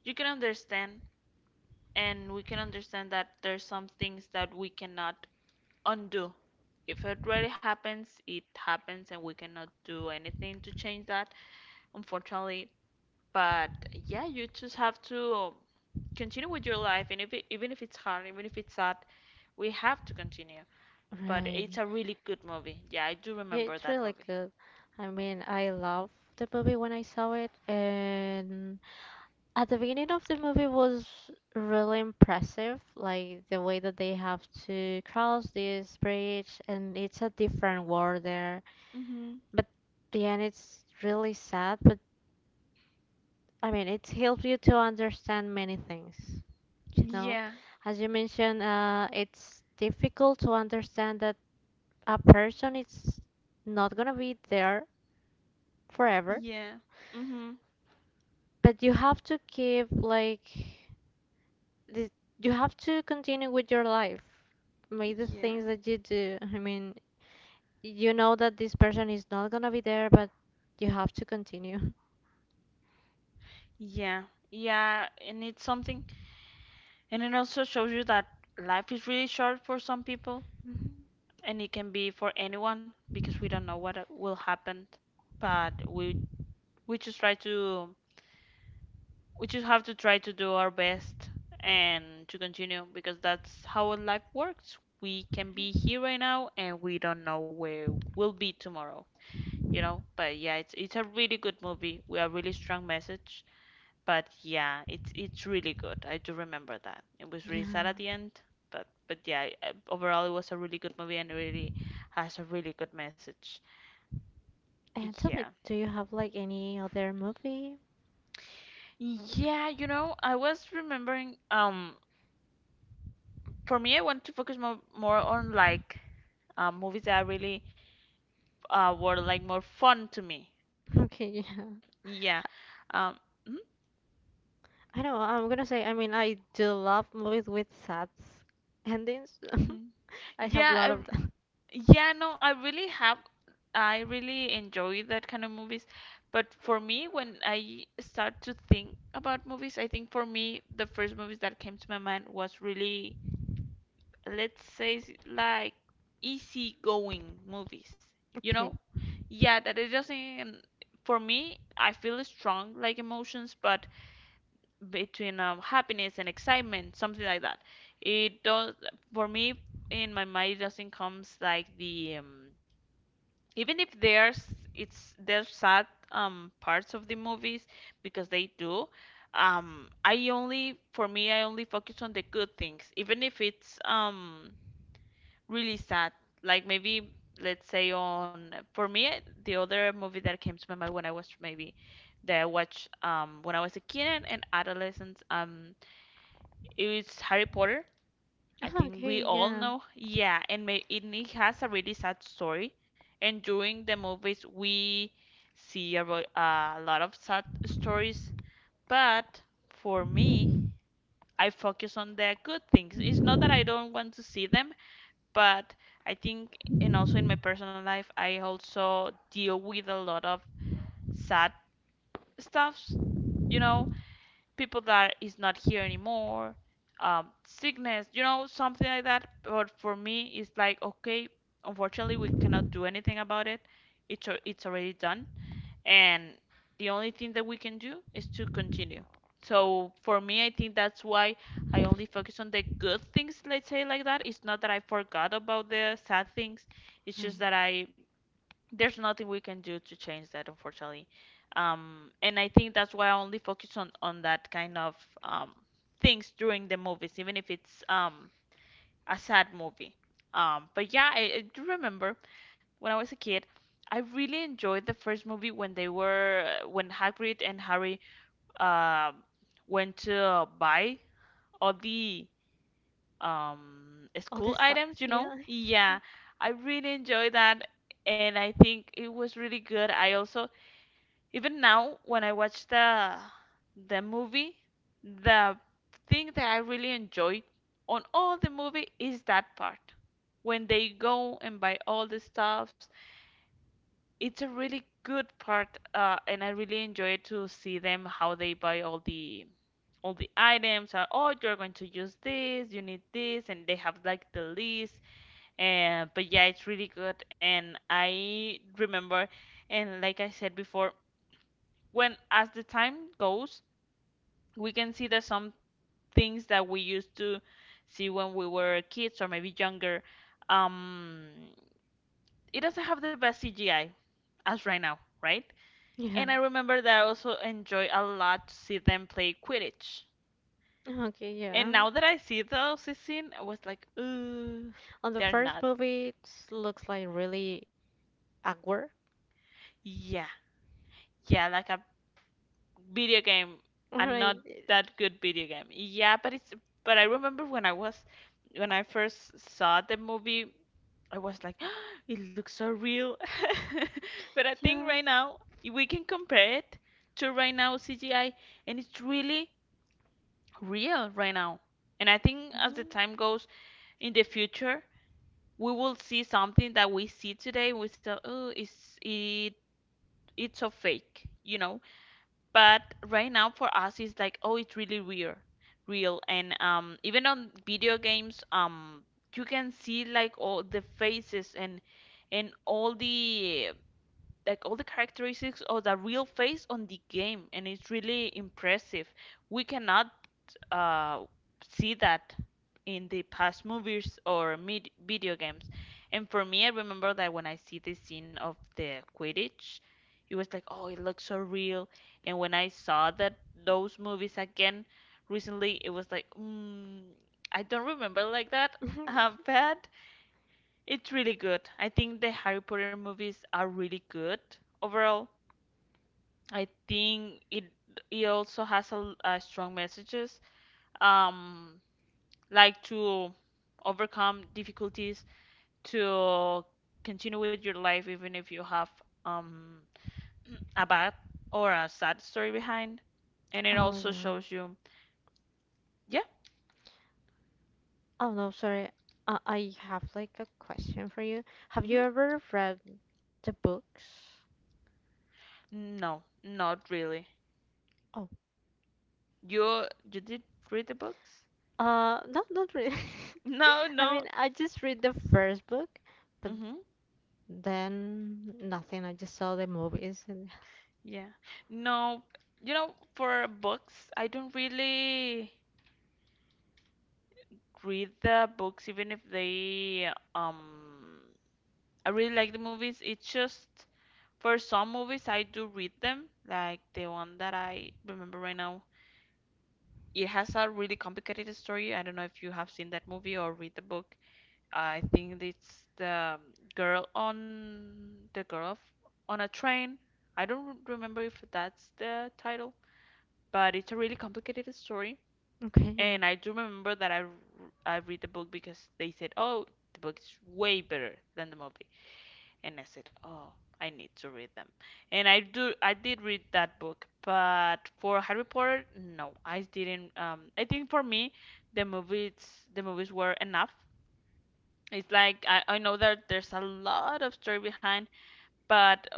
S1: you can understand, and we can understand that there's some things that we cannot undo. If it already happens, it happens, and we cannot do anything to change that, unfortunately. But yeah, you just have to continue with your life, and if it, even if it's hard, even if it's sad, we have to continue. But
S2: right.
S1: it's a really good movie. Yeah, I do
S2: Yeah,
S1: remember
S2: it's
S1: that
S2: really
S1: movie.
S2: good. I mean, I love the movie when I saw it, and at the beginning of the movie was really impressive, like the way that they have to cross this bridge, and it's a different world there.
S1: Mm-hmm.
S2: But the end, it's really sad. But I mean, it helps you to understand many things. You know,
S1: Yeah.
S2: as you mentioned, it's difficult to understand that a person is not gonna be there forever,
S1: Yeah. Mhm.
S2: but you have to keep like the, you have to continue with your life. Make the
S1: Yeah.
S2: things that you do. I mean, you know that this person is not gonna be there, but you have to continue.
S1: Yeah. Yeah, and it's something, and it also shows you that life is really short for some people,
S2: Mhm.
S1: and it can be for anyone, because we don't know what will happen. But we just try to, we just have to try to do our best and to continue, because that's how life works. We can be here right now, and we don't know where we'll be tomorrow, you know? But yeah, it's a really good movie with a really strong message. But yeah, it's really good. I do remember that. It was really
S2: Yeah.
S1: sad at the end, but yeah, overall it was a really good movie, and it really has a really good message.
S2: And tell
S1: Yeah.
S2: me, do you have like any other movie?
S1: Yeah, you know, I was remembering, for me, I want to focus more on like movies that are really were like more fun to me.
S2: Okay, yeah.
S1: Yeah. Um mhm,
S2: I know, I'm gonna say, I mean, I do love movies with sad endings.
S1: mhm.
S2: I have a lot
S1: Yeah.
S2: of them.
S1: Yeah, no, I really have. I really enjoy that kind of movies. But for me, when I start to think about movies, I think for me, the first movies that came to my mind was really, let's say, like easygoing movies, you
S2: Okay.
S1: know? Yeah, that it doesn't, for me, I feel strong like emotions, but between happiness and excitement, something like that. It does, for me, in my mind, it doesn't comes like even if there's it's there's sad parts of the movies, because they do. I only, for me, I only focus on the good things, even if it's really sad. Like maybe, let's say, on for me, the other movie that came to my mind when I was maybe that I watched when I was a kid and adolescent, it's Harry Potter. I
S2: Ah,
S1: think
S2: okay,
S1: we all
S2: yeah.
S1: know. Yeah, and may, it has a really sad story. And during the movies, we see a lot of sad stories. But for me, I focus on the good things. It's not that I don't want to see them, but I think, and also in my personal life, I also deal with a lot of sad stuffs, you know, people that is not here anymore, sickness, you know, something like that. But for me, it's like, okay, unfortunately, we cannot do anything about it. It's already done, and the only thing that we can do is to continue. So for me, I think that's why I only focus on the good things, let's say like that. It's not that I forgot about the sad things. It's just
S2: Right.
S1: that I there's nothing we can do to change that, unfortunately. And I think that's why I only focus on that kind of um things during the movies, even if it's a sad movie. But yeah, I do remember when I was a kid, I really enjoyed the first movie when they were when Hagrid and Harry um went to buy all the
S2: All
S1: school
S2: this stuff,
S1: items you know
S2: yeah.
S1: yeah I really enjoyed that, and I think it was really good. I also, even now when I watch the movie, the thing that I really enjoyed on all the movie is that part. When they go and buy all the stuffs, it's a really good part, and I really enjoy to see them how they buy all the items. Oh, you're going to use this, you need this, and they have like the list. And but yeah, it's really good, and I remember, and like I said before, when as the time goes, we can see that some things that we used to see when we were kids or maybe younger, um, it doesn't have the best CGI as right now, right?
S2: Yeah.
S1: And I remember that I also enjoy a lot to see them play Quidditch.
S2: Okay,
S1: And
S2: yeah.
S1: now that I see those scenes, I was like, ooh,
S2: On the
S1: they're
S2: first
S1: not.
S2: movie, it looks like really awkward,
S1: Yeah, yeah, like a video game, and
S2: right?
S1: not that good video game. Yeah, but it's but I remember when I was, when I first saw the movie, I was like, it looks so real. But I think
S2: Yeah.
S1: right now if we can compare it to right now CGI, and it's really real right now. And I think as the
S2: Hmm.
S1: time goes in the future, we will see something that we see today. We say, oh, it's so fake. But right now for us it's like, oh, it's really real, and even on video games, you can see like all the faces and all the, like all the characteristics of the real face on the game, and it's really impressive. We cannot uh, see that in the past movies or video games. And for me, I remember that when I see the scene of the Quidditch, it was like, oh, it looks so real. And when I saw that those movies again recently, it was like, I don't remember like that. But it's really good. I think the Harry Potter movies are really good overall. I think it also has a, a strong messages. Um, like to overcome difficulties, to continue with your life even if you have um a bad or a sad story behind, and it
S2: Oh
S1: also
S2: yeah.
S1: shows you. Yeah.
S2: Oh no, sorry. I have like a question for you. Have
S1: Hmm.
S2: you ever read the books?
S1: No, not really.
S2: Oh,
S1: you you did read the books?
S2: no, not really.
S1: No,
S2: I
S1: no.
S2: mean, I just read the first book, but
S1: Mm-hmm.
S2: then nothing. I just saw the movies and
S1: Yeah. No, you know, for books I don't really read the books, even if they, I really like the movies. It's just, for some movies, I do read them, like the one that I remember right now. It has a really complicated story. I don't know if you have seen that movie or read the book. I think it's the girl on a train. I don't remember if that's the title, but it's a really complicated story.
S2: okay,
S1: And I do remember that I read the book because they said, "Oh, the book is way better than the movie." And I said, "Oh, I need to read them." And I did read that book, but for Harry Potter, no, I didn't. I think for me, the movies the movies were enough. It's like I know that there's a lot of story behind, but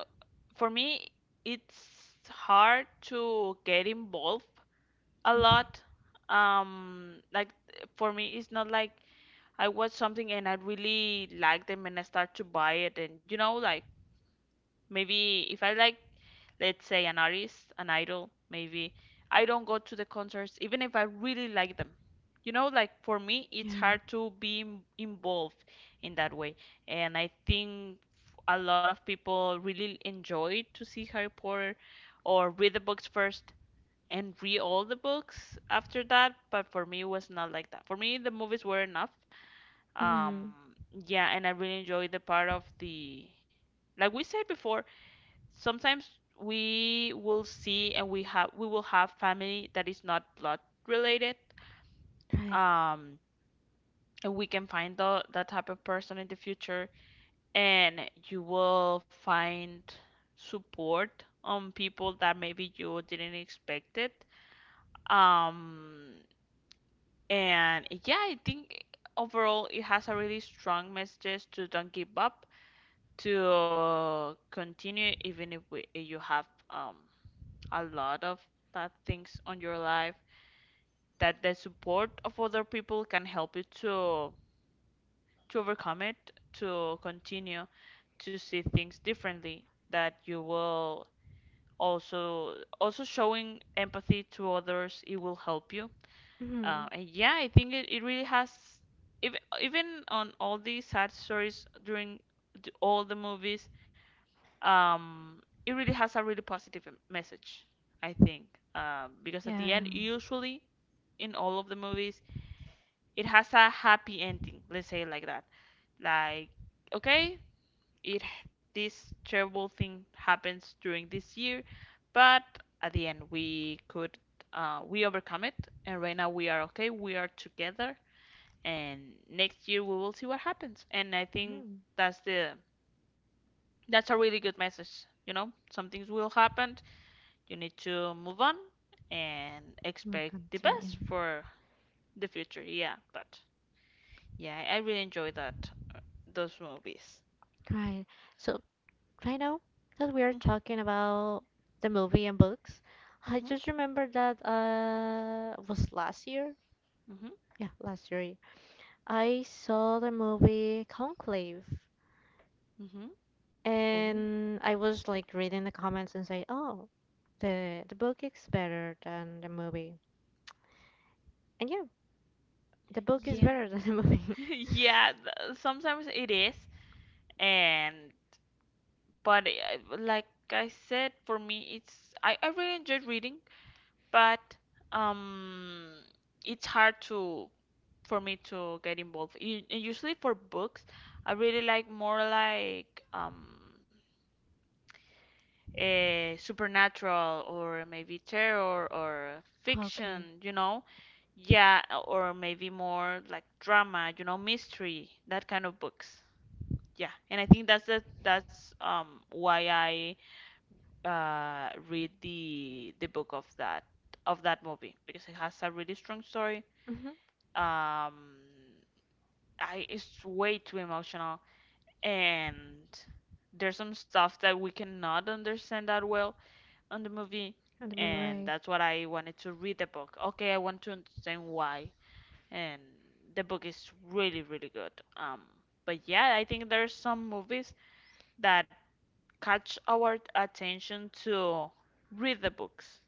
S1: for me, it's hard to get involved a
S2: okay,
S1: lot. Like for me, it's not like I watch something and I really like them and I start to buy it, and you know, like, maybe if I like, let's say, an artist, an idol, maybe I don't go to the concerts even if I really like them. You know, like for me, it's
S2: yeah.
S1: hard to be involved in that way. And I think a lot of people really enjoy to see Harry Potter or read the books first and read all the books after that. But for me, it was not like that. For me, the movies were enough.
S2: Mm,
S1: Um, yeah, and I really enjoyed the part of the, like we said before, sometimes we will see and we will have family that is not blood related.
S2: right.
S1: um and we can find that type of person in the future, and you will find support on people that maybe you didn't expect it. um and yeah, I think overall it has a really strong messages to don't give up, to continue even if you have um a lot of bad things on your life, that the support of other people can help you to overcome it, to continue, to see things differently, that you will also showing empathy to others, it will help you.
S2: Mm,
S1: And yeah, I think it really has, even on all these sad stories during all the movies, um, it really has a really positive message, I think. Because at the
S2: yeah.
S1: end, usually in all of the movies, it has a happy ending, let's say it like that. Like, okay, it this terrible thing happens during this year, but at the end we could we overcome it, and right now we are okay, we are together, and next year we will see what happens. And I think
S2: Mm,
S1: that's the that's a really good message. You know, some things will happen. You need to move on and
S2: we'll
S1: expect the
S2: continue.
S1: best for the future. Yeah, but yeah, I really enjoy that those movies.
S2: Right. So right now that we
S1: Mm.
S2: are talking about the movie and books, I
S1: Mm-hmm.
S2: just remember that was last year.
S1: Mm-hmm.
S2: Yeah, last year I saw the movie Conclave,
S1: Mm-hmm. Oh.
S2: and I was like reading the comments and say, oh, the book is better than the movie, and yeah, the book is
S1: Yeah.
S2: better than the movie.
S1: Yeah, sometimes it is. And but like I said, for me it's, I really enjoyed reading, but um it's hard to, for me to get involved. And usually for books, I really like more, like, supernatural or maybe terror or
S2: Okay.
S1: fiction, you know? Yeah, or maybe more like drama, you know, mystery, that kind of books. Yeah, and I think that's that's why I read the book of that, movie, because it has a really strong story.
S2: Mm-hmm.
S1: Um, I it's way too emotional, and there's some stuff that we cannot understand that well on the movie,
S2: And the movie,
S1: and
S2: right?
S1: that's what I wanted to read the book. Okay, I want to understand why, and the book is really really good. Um, but yeah, I think there's some movies that catch our attention to read the books.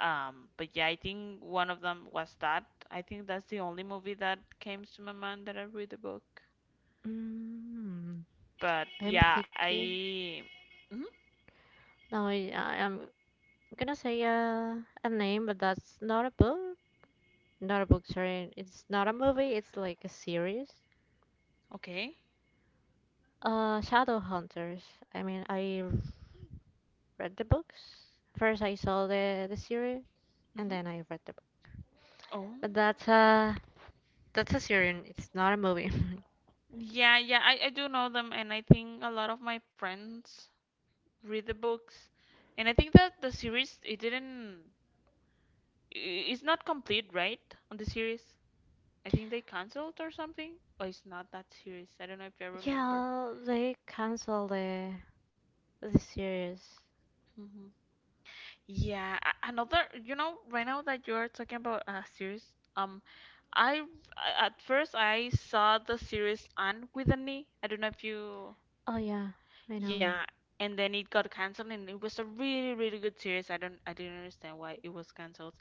S1: Um, but yeah, I think one of them was that. I think that's the only movie that came to my mind that I read the book.
S2: Mm,
S1: But
S2: I'm
S1: yeah,
S2: thinking.
S1: I. Mhm.
S2: No, I- I'm. I'm gonna say a name, but that's not a book. Not a book, sorry. It's not a movie, it's like a series.
S1: Okay.
S2: Shadowhunters. I mean, I read the books. First I saw the series
S1: Mm-hmm.
S2: and then I read the book.
S1: Oh.
S2: But that's a series, it's not a movie.
S1: Yeah, yeah, I do know them, and I think a lot of my friends read the books. And I think that the series, it didn't, I- it's not complete, right? On the series. I think they canceled or something. Or it's not that series. I don't know if I remember.
S2: Yeah, they canceled the series.
S1: Hmm. Yeah, another, you know, right now that you're talking about a series, um, I, at first I saw the series Anne with an E. I don't know if you.
S2: Oh yeah, I know that.
S1: Yeah, and then it got canceled, and it was a really, really good series. I didn't understand why it was canceled,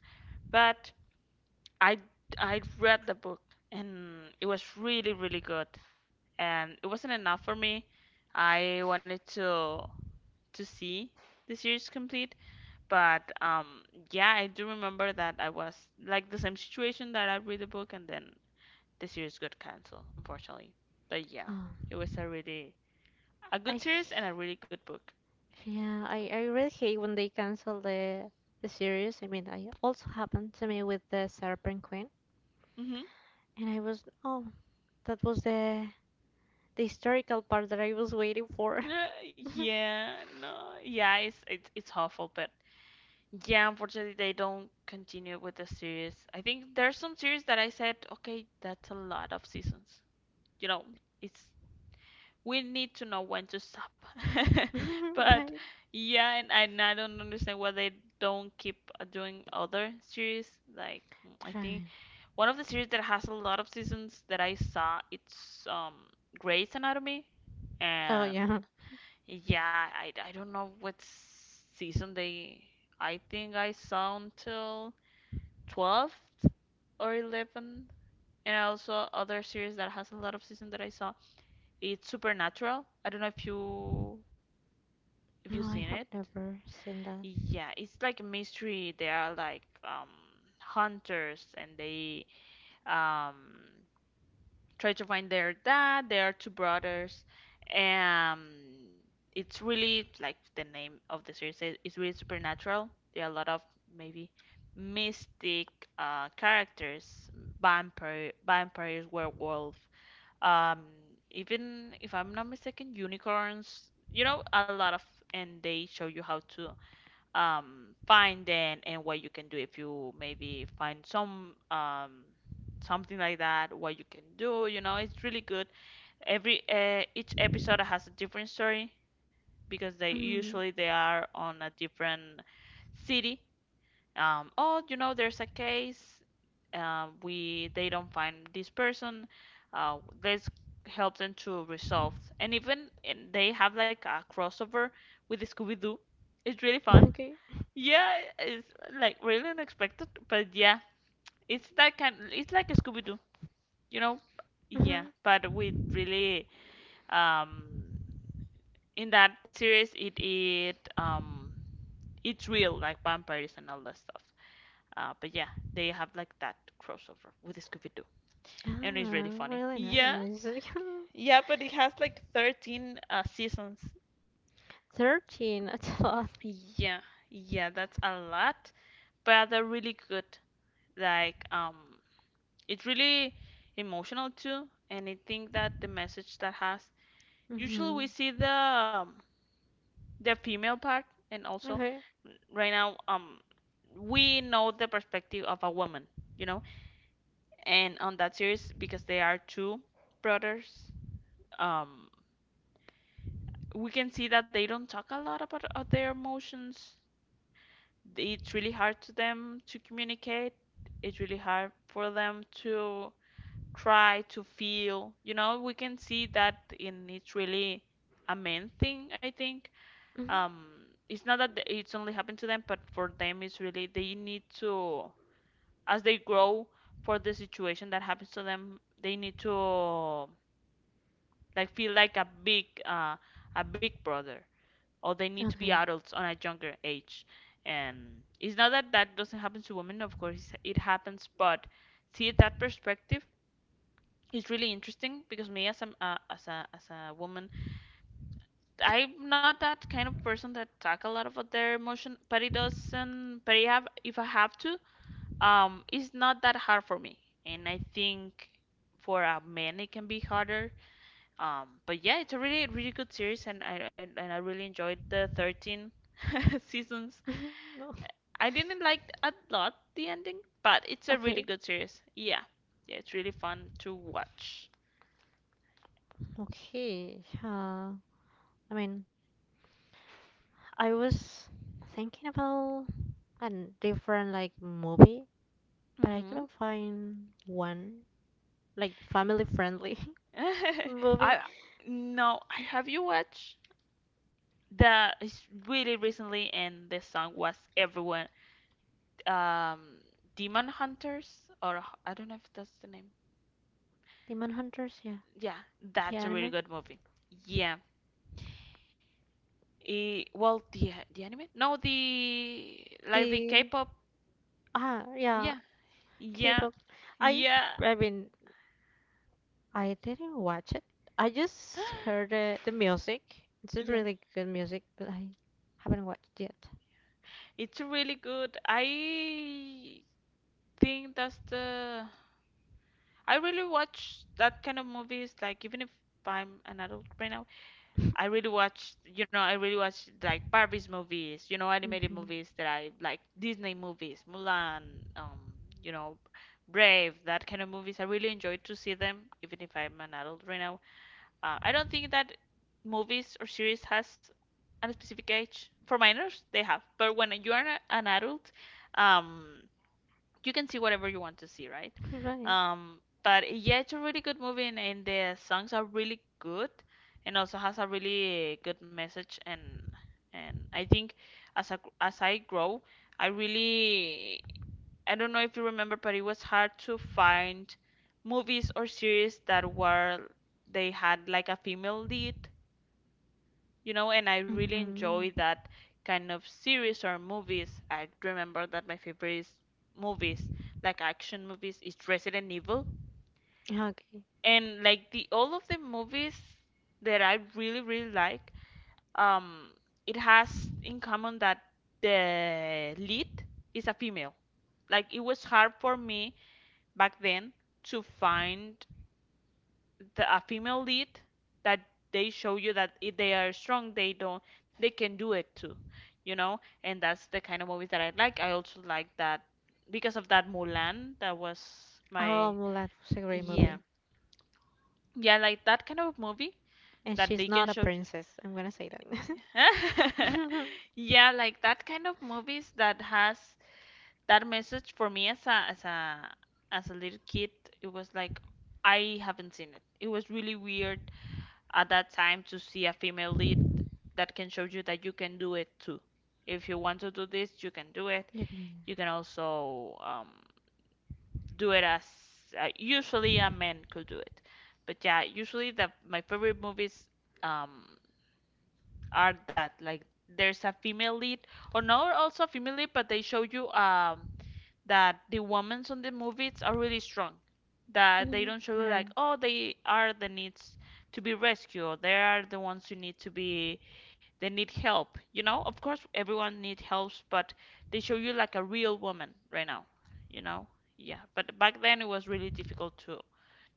S1: but I, I read the book, and it was really, really good. And it wasn't enough for me. I wanted to see the series complete, but yeah, I do remember that I was like the same situation, that I read the book, and then the series got canceled, unfortunately. But yeah,
S2: Oh,
S1: it was a really, a
S2: I
S1: good series and a really good book.
S2: Yeah, I really hate when they cancel the series. I mean, I also happened to me with the Serpent Queen,
S1: Mm-hmm.
S2: and I was, oh, that was the historical part that I was waiting for.
S1: Uh, yeah, no, yeah, it's it's awful, but yeah, unfortunately they don't continue with the series. I think there's some series that I said, okay, that's a lot of seasons. You know, it's we need to know when to stop. But
S2: Right?
S1: yeah, and I don't understand why they don't keep doing other series. Like, I think
S2: Right.
S1: one of the series that has a lot of seasons that I saw, it's Grey's Anatomy.
S2: Oh
S1: And
S2: yeah.
S1: yeah, I don't know what season they. I think I saw until 12th or 11th. And also other series that has a lot of season that I saw. It's Supernatural. I don't know if you if you've
S2: No,
S1: seen
S2: I
S1: it.
S2: have never seen that.
S1: Yeah, it's like a mystery. They are like hunters, and they um try to find their dad. They are two brothers. Um, it's really, like, the name of the series is, it's really supernatural. There are a lot of, maybe, mystic characters, vampires, werewolf. Um, even if I'm not mistaken, unicorns. You know, a lot of, and they show you how to finding and what you can do if you maybe find some something like that what you can do, you know, it's really good. Every each episode has a different story because they
S2: Mm,
S1: usually they are on a different city. Oh, you know, there's a case, we they don't find this person, uh, let's help them to resolve. And even and they have like a crossover with Scooby-Doo. It's really fun.
S2: okay.
S1: Yeah, it's like really unexpected, but yeah, it's that kind. It's like a Scooby Doo, you know? Yeah,
S2: Hmm.
S1: but with really um in that series, it it's real like vampires and all that stuff. But yeah, they have like that crossover with Scooby Doo, and it's
S2: Ah,
S1: really funny.
S2: really
S1: Yeah,
S2: nice.
S1: yeah, but it has like 13 seasons.
S2: 13, that's a lot.
S1: Yeah, yeah, that's a lot, but they're really good. Like, it's really emotional too, and I think that the message that has, usually
S2: Mm-hmm.
S1: we see the female part, and also
S2: Okay.
S1: right now, we know the perspective of a woman, you know. And on that series, because they are two brothers, um we can see that they don't talk a lot about their emotions. It's really hard to them to communicate, it's really hard for them to try to feel, you know, we can see that, and it's really a main thing, I think.
S2: Mm-hmm.
S1: um it's not that it's only happened to them, but for them it's really, they need to, as they grow, for the situation that happens to them, they need to like feel like a big brother, or they need to be
S2: Okay.
S1: adults on a younger age. And it's not that that doesn't happen to women, of course it happens, but see that perspective, it's really interesting, because me as a as a as a woman, I'm not that kind of person that talk a lot about their emotion, but it doesn't. But I have, if I have to, it's not that hard for me, and I think for a man it can be harder. But yeah, it's a really, really good series, and I really enjoyed the 13 seasons.
S2: No.
S1: I didn't like a lot the ending, but it's a really
S2: Okay.
S1: good series. Yeah, yeah, it's really fun to watch.
S2: Okay. Yeah. I mean. I was thinking about a different like movie, but I
S1: Hmm.
S2: couldn't find one like family friendly movie.
S1: I No, I, have you watched the it's really recently and the song was everyone, um Demon Hunters, or I don't know if that's the name.
S2: Demon Hunters, yeah,
S1: Yeah,
S2: the
S1: that's a really
S2: anime,
S1: good movie. Yeah. Eh, well, the anime? No, the like the
S2: the
S1: K-pop.
S2: ah yeah,
S1: Yeah. Yeah.
S2: K-pop. I
S1: Yeah.
S2: I mean I didn't watch it. I just heard the music. It's a
S1: Yeah.
S2: really good music, but I haven't watched yet.
S1: It's really good. Think that's the I really watch that kind of movies. Like, even if I'm an adult right now, I really watch. You know, I really watch like Barbie's movies. You know, animated
S2: Okay,
S1: movies that I like, Disney movies, Mulan. Um, you know, Brave. That kind of movies. I really enjoy to see them, even if I'm an adult right now. I don't think that movies or series has a specific age. For minors, they have, but when you are an adult, um you can see whatever you want to see, right?
S2: right.
S1: But yeah, it's a really good movie, and the songs are really good, and also has a really good message. And I think as I grow, I really, I don't know if you remember, but it was hard to find movies or series that were, they had like a female lead, you know, and I really enjoy
S2: Mm-hmm.
S1: that kind of series or movies. I remember that my favorite is movies, like action movies, is Resident Evil,
S2: Okay.
S1: and like the all of the movies that I really, really like, um, it has in common that the lead is a female. Like, it was hard for me back then to find a female lead that, they show you that if they are strong, they don't, they can do it too, you know. And that's the kind of movies that I like. I also like that, because of that, Mulan. That was
S2: Oh,
S1: my,
S2: Mulan was a great
S1: yeah,
S2: movie.
S1: yeah, I like that kind of movie
S2: And
S1: that
S2: she's
S1: they
S2: not
S1: can
S2: a
S1: show.
S2: princess. I'm gonna say that.
S1: Yeah, like that kind of movies that has that message. For me as a little kid, it was like, I haven't seen it. It was really weird at that time to see a female lead that can show you that you can do it too. If you want to do this, you can do it.
S2: You can-
S1: You can also do it as usually a man could do it. But yeah, usually the my favorite movies, um, are that like there's a female lead, or not also a female lead, but they show you that the women on the movies are really strong. That they
S2: Mhm.
S1: don't show you
S2: Right.
S1: like, oh, they are the needs to be rescued, or they are the ones who need to be, they need help, you know, of course everyone needs helps, but they show you like a real woman right now, you know. Yeah, but back then it was really difficult to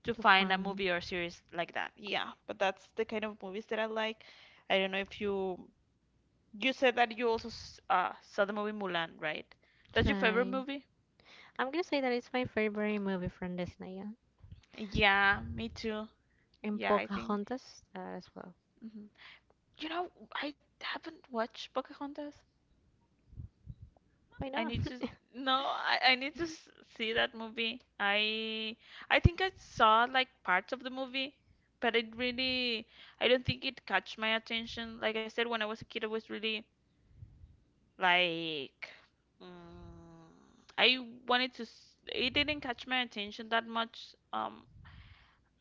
S1: to
S2: To
S1: find a
S2: find.
S1: movie or series like that. Yeah, but that's the kind of movies that I like. I don't know if you, you said that you also saw the movie Mulan, right? That's your favorite
S2: Right.
S1: movie?
S2: I'm gonna say that it's my favorite movie from Disney, yeah.
S1: Yeah, me too.
S2: And
S1: Yeah, I think,
S2: Pocahontas as well.
S1: mhm. You know, I haven't watched Pocahontas.
S2: Why
S1: I
S2: not?
S1: need to, no, I need to see that movie. I think I saw like parts of the movie, but it really, I don't think it catch my attention. Like I said, when I was a kid, I was really like, mm, I wanted to. It didn't catch my attention that much. Um,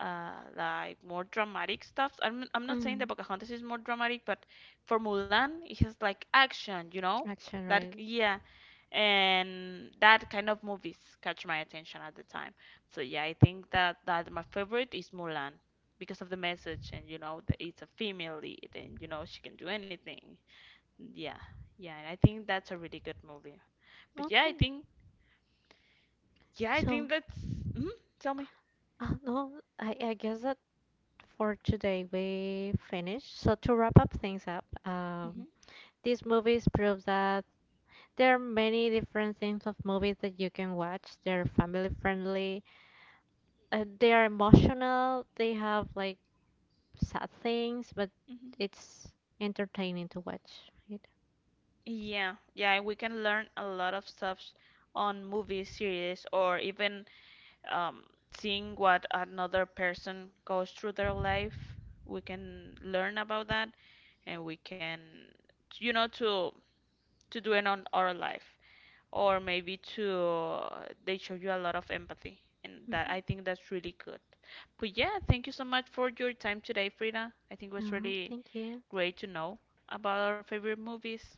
S1: uh, Like more dramatic stuff. I'm not saying that
S2: Mm,
S1: Pocahontas is more dramatic, but for Mulan, it has like action, you know?
S2: action,
S1: That,
S2: right?
S1: yeah, and that kind of movies catch my attention at the time. So yeah, I think that my favorite is Mulan, because of the message, and you know the, it's a female lead and you know she can do anything. Yeah, yeah, and I think that's a really good movie. But yeah, I
S2: Okay.
S1: think, yeah, I think
S2: So,
S1: that's. Hmm, tell me.
S2: no, I guess that for today we finished. So to wrap up things up,
S1: Hmm.
S2: these movies prove that there are many different things of movies that you can watch. They're family friendly, they are emotional, they have like sad things, but
S1: Hmm.
S2: it's entertaining to watch. Right?
S1: Yeah, yeah, we can learn a lot of stuff on movie series, or even um, seeing what another person goes through their life, we can learn about that, and we can, you know, to do it on our life, or maybe to, they show you a lot of empathy, and that,
S2: Hmm.
S1: I think that's really good. But yeah, thank you so much for your time today, Frida. I think it was
S2: Oh,
S1: really
S2: thank you.
S1: great to know about our favorite movies.